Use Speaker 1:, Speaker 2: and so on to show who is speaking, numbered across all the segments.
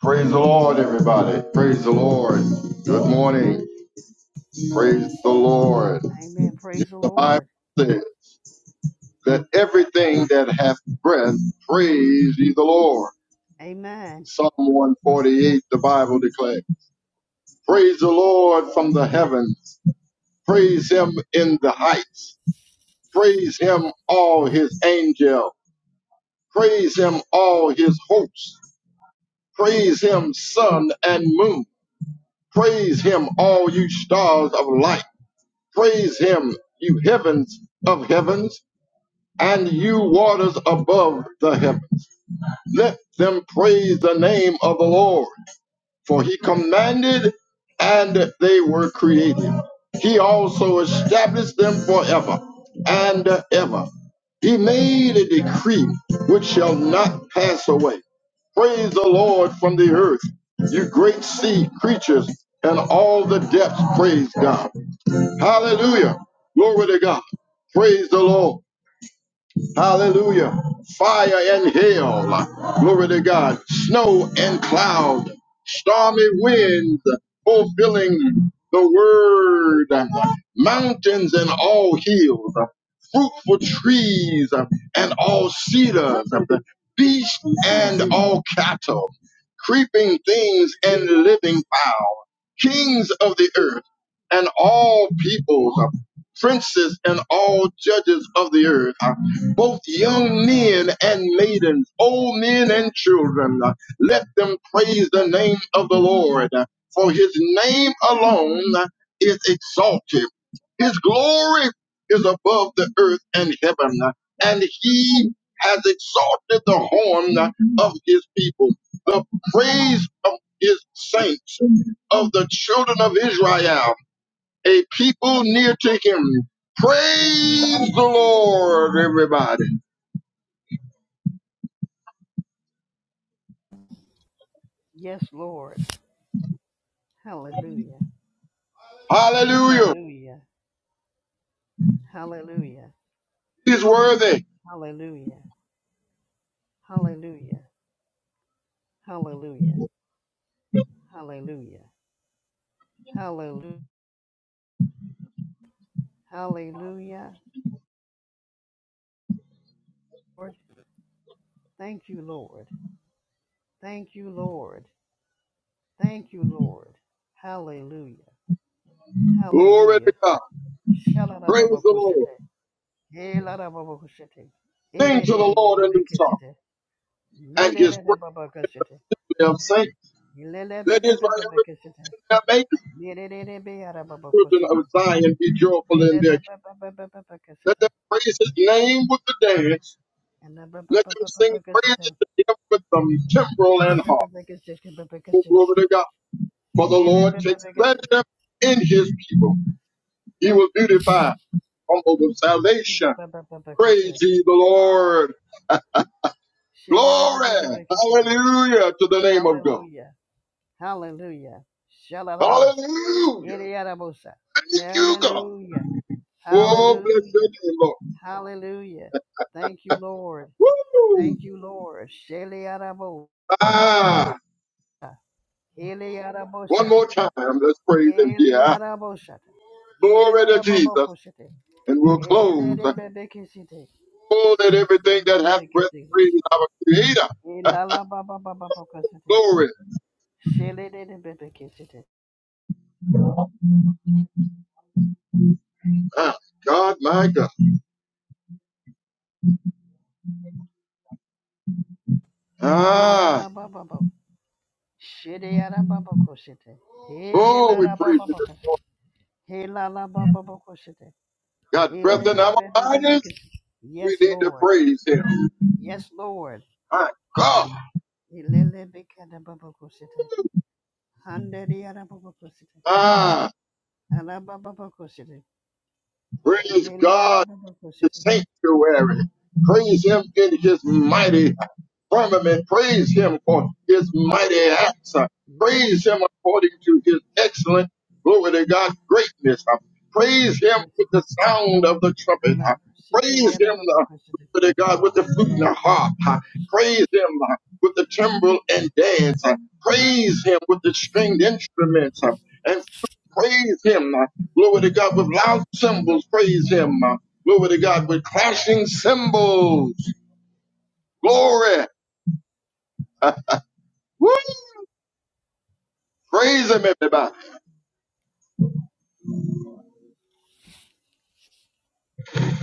Speaker 1: Praise the Lord, everybody. Praise the Lord. Good morning. Praise the Lord.
Speaker 2: Amen. Praise the
Speaker 1: The Bible
Speaker 2: Lord.
Speaker 1: says, Let everything that hath breath praise ye the Lord.
Speaker 2: Amen.
Speaker 1: Psalm 148, the Bible declares, Praise the Lord from the heavens. Praise him in the heights. Praise him, all his angels. Praise him, all his hosts. Praise him, sun and moon. Praise him, all you stars of light. Praise him, you heavens of heavens, and you waters above the heavens. Let them praise the name of the Lord, for he commanded and they were created. He also established them forever and ever. He made a decree which shall not pass away. Praise the Lord from the earth, you great sea creatures and all the depths, praise God Hallelujah. Glory to God. Praise the Lord. Hallelujah. Fire and hail. Glory to God. Snow and cloud. Stormy winds fulfilling the word. Mountains and all hills. Fruitful trees and all cedars. Beasts and all cattle. Creeping things and living kings of the earth and all peoples, uh, princes and all judges of the earth, uh, both young men and maidens, old men and children. uh, Let them praise the name of the Lord, uh, for his name alone uh, is exalted. His glory is above the earth and heaven, uh, and he has exalted the horn uh, of his people, the praise of his saints of the children of Israel, a people near to him. Praise the Lord, everybody.
Speaker 2: Yes, Lord. Hallelujah.
Speaker 1: Hallelujah.
Speaker 2: Hallelujah. Hallelujah.
Speaker 1: He's worthy.
Speaker 2: Hallelujah. Hallelujah. Hallelujah. Hallelujah. Hallelujah. Hallelujah. Lord, thank you, Lord. Thank you, Lord. Thank you, Lord. Hallelujah.
Speaker 1: Glory
Speaker 2: Hallelujah.
Speaker 1: to God. Praise the
Speaker 2: Shalalababakushite.
Speaker 1: Lord.
Speaker 2: Helarababakushite.
Speaker 1: Sing to the Lord a new song
Speaker 2: Erererererabakisite.
Speaker 1: and his praise
Speaker 2: Merererababakasite.
Speaker 1: of saints.
Speaker 2: Ilele be
Speaker 1: Let
Speaker 2: be
Speaker 1: Israel
Speaker 2: be be be kesete.
Speaker 1: that make the
Speaker 2: Yere re re be yara baba
Speaker 1: children of
Speaker 2: koşete.
Speaker 1: Zion be joyful in their
Speaker 2: Ilele
Speaker 1: king.
Speaker 2: be be be be be be
Speaker 1: Let
Speaker 2: kesete.
Speaker 1: them praise his name with the dance.
Speaker 2: Ele be be be
Speaker 1: Let
Speaker 2: be
Speaker 1: them
Speaker 2: be
Speaker 1: sing
Speaker 2: be
Speaker 1: praises
Speaker 2: kesete.
Speaker 1: to him with the timbrel
Speaker 2: Be be
Speaker 1: and
Speaker 2: be
Speaker 1: harp.
Speaker 2: be be kesete be be
Speaker 1: Oh,
Speaker 2: kesete.
Speaker 1: glory to God. For the
Speaker 2: Ele
Speaker 1: Lord
Speaker 2: be be
Speaker 1: takes
Speaker 2: be kesete.
Speaker 1: pleasure in his people. He will beautify humble with salvation.
Speaker 2: Sete be be be be
Speaker 1: Praise
Speaker 2: kesete.
Speaker 1: ye the Lord.
Speaker 2: Şele re re be be
Speaker 1: Glory.
Speaker 2: be kesete.
Speaker 1: Hallelujah to the name of God.
Speaker 2: Hallelujah. Hallelujah. Shalalabosa.
Speaker 1: Hallelujah.
Speaker 2: Iriarabosa.
Speaker 1: Thank you, God.
Speaker 2: Hallelujah.
Speaker 1: Oh, bless your
Speaker 2: Hallelujah.
Speaker 1: name,
Speaker 2: Hallelujah. Thank you, Lord.
Speaker 1: Lord. Woo!
Speaker 2: Thank you, Lord. Sheliarabo.
Speaker 1: Ah,
Speaker 2: Hele
Speaker 1: one
Speaker 2: yaraboshan.
Speaker 1: more time. Let's praise him
Speaker 2: Hele
Speaker 1: here.
Speaker 2: yaraboshan.
Speaker 1: Glory
Speaker 2: Yere
Speaker 1: to
Speaker 2: rababa
Speaker 1: Jesus.
Speaker 2: koşete.
Speaker 1: And we'll
Speaker 2: Hele
Speaker 1: close.
Speaker 2: de bebe kesite.
Speaker 1: Oh, that everything that
Speaker 2: Bebe
Speaker 1: hath
Speaker 2: bebe
Speaker 1: breath
Speaker 2: kesite.
Speaker 1: praise our Creator. Ah,
Speaker 2: Hilala baba baba koşete.
Speaker 1: Glory.
Speaker 2: Şele de de bebe kesite.
Speaker 1: Ah, God, my God. Ah,
Speaker 2: Hilala baba baba. Şede yara baba koşete.
Speaker 1: oh, we
Speaker 2: Hilala baba
Speaker 1: praise you
Speaker 2: baba.
Speaker 1: this morning.
Speaker 2: Hilala baba baba koşete.
Speaker 1: Got breath in our
Speaker 2: Hilele bebe bebe
Speaker 1: bodies.
Speaker 2: kesite.
Speaker 1: We
Speaker 2: Yes
Speaker 1: need to
Speaker 2: Lord.
Speaker 1: praise him.
Speaker 2: Yes Lord.
Speaker 1: My God.
Speaker 2: Hilele bebe baba koşete. Hande de yara baba koşete.
Speaker 1: Ah,
Speaker 2: Alaba Baba Alababakoshiri.
Speaker 1: praise
Speaker 2: Lele
Speaker 1: God
Speaker 2: alababakoshiri. Baba.
Speaker 1: in the
Speaker 2: Koshiri.
Speaker 1: sanctuary. Praise him in his
Speaker 2: Sibana Baba.
Speaker 1: mighty firmament. Praise him for his mighty acts. Uh,
Speaker 2: Yes.
Speaker 1: Praise him according to his excellent, glory to God, greatness. Uh,
Speaker 2: Baba
Speaker 1: Praise him with the
Speaker 2: Babakoshiri.
Speaker 1: sound of the trumpet. Uh,
Speaker 2: Halaba. Shikiri
Speaker 1: Praise him, uh,
Speaker 2: alababakoshiri.
Speaker 1: glory to God, with the flute and the harp. Uh, Praise him uh, with the timbrel and dance. Uh, Praise him with the stringed instruments. Uh, And praise him, uh, glory to God, with loud cymbals. Praise him, uh, glory to God, with clashing cymbals. Glory. Woo! Praise him, everybody.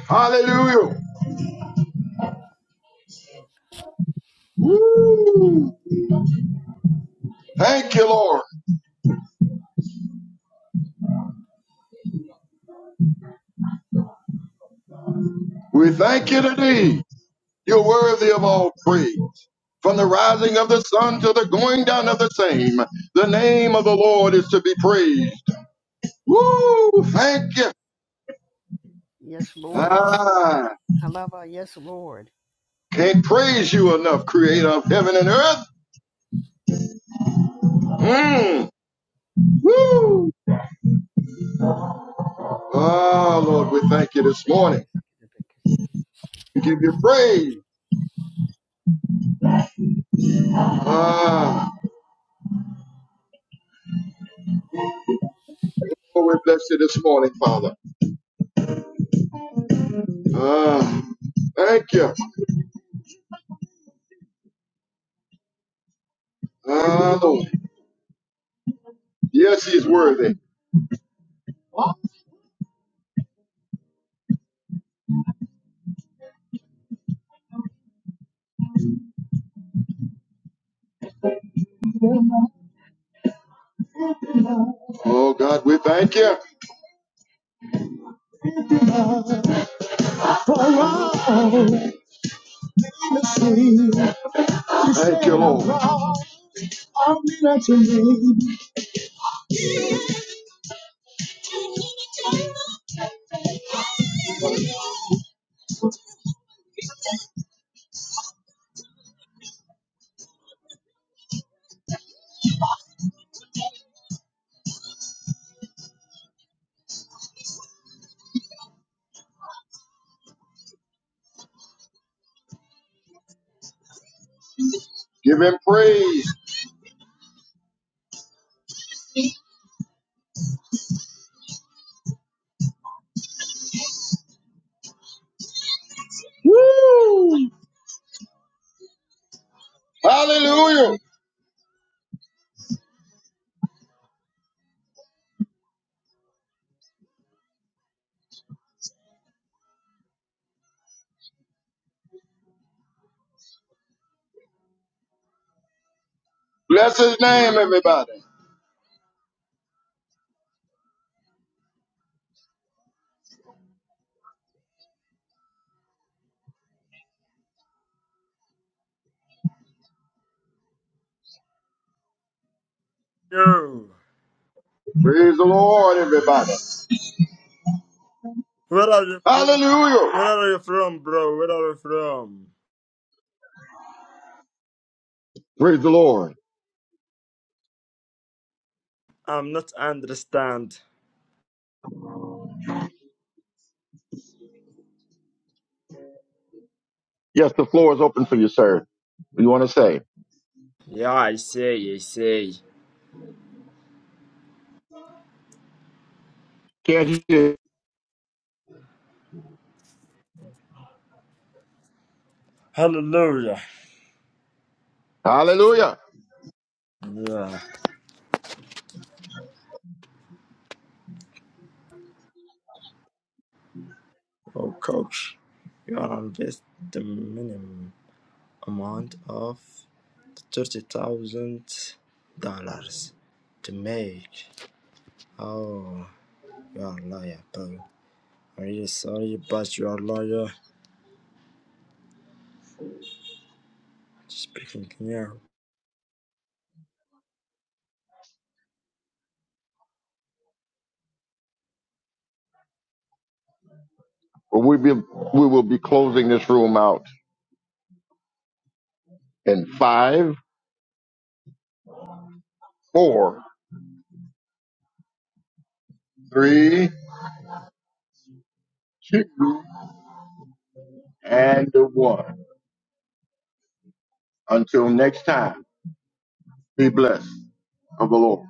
Speaker 1: Hallelujah. Woo! Thank you, Lord. We thank you today. You're worthy of all praise. From the rising of the sun to the going down of the same, the name of the Lord is to be praised. Woo! Thank you.
Speaker 2: Yes, Lord.
Speaker 1: Ah,
Speaker 2: Halaba. Yes, Lord.
Speaker 1: can't praise you enough, creator of heaven and earth. Mm. Woo! Ah, Lord, we thank you
Speaker 2: Baba
Speaker 1: this morning.
Speaker 2: Koshiri. Baba Koshiri.
Speaker 1: We give you praise. Ah. Oh, we bless you this morning, Father. Ah, thank you. Ah, Lord. Yes, he's worthy. Oh, God, we thank you. Thank you, Lord. Give him praise. Hallelujah. Bless his name, everybody.
Speaker 3: Yo,
Speaker 1: Praise the Lord, everybody.
Speaker 3: where are you from?
Speaker 1: Hallelujah.
Speaker 3: Where are you from, bro? Where are you from?
Speaker 1: Praise the Lord.
Speaker 3: I'm not understand.
Speaker 1: Yes, the floor is open for you, sir. What do you want to say?
Speaker 3: Yeah, I say, I say.
Speaker 1: Can't you?
Speaker 3: Hallelujah.
Speaker 1: Hallelujah.
Speaker 3: Yeah. Oh, coach, you are invest the minimum amount of thirty thousand dollars to make. Oh, you are a liar, bro. Are you sorry, but you are a liar? Speaking here.
Speaker 1: Well, we be, we will be closing this room out in five, four, three, two, and one. Until next time, be blessed of the Lord.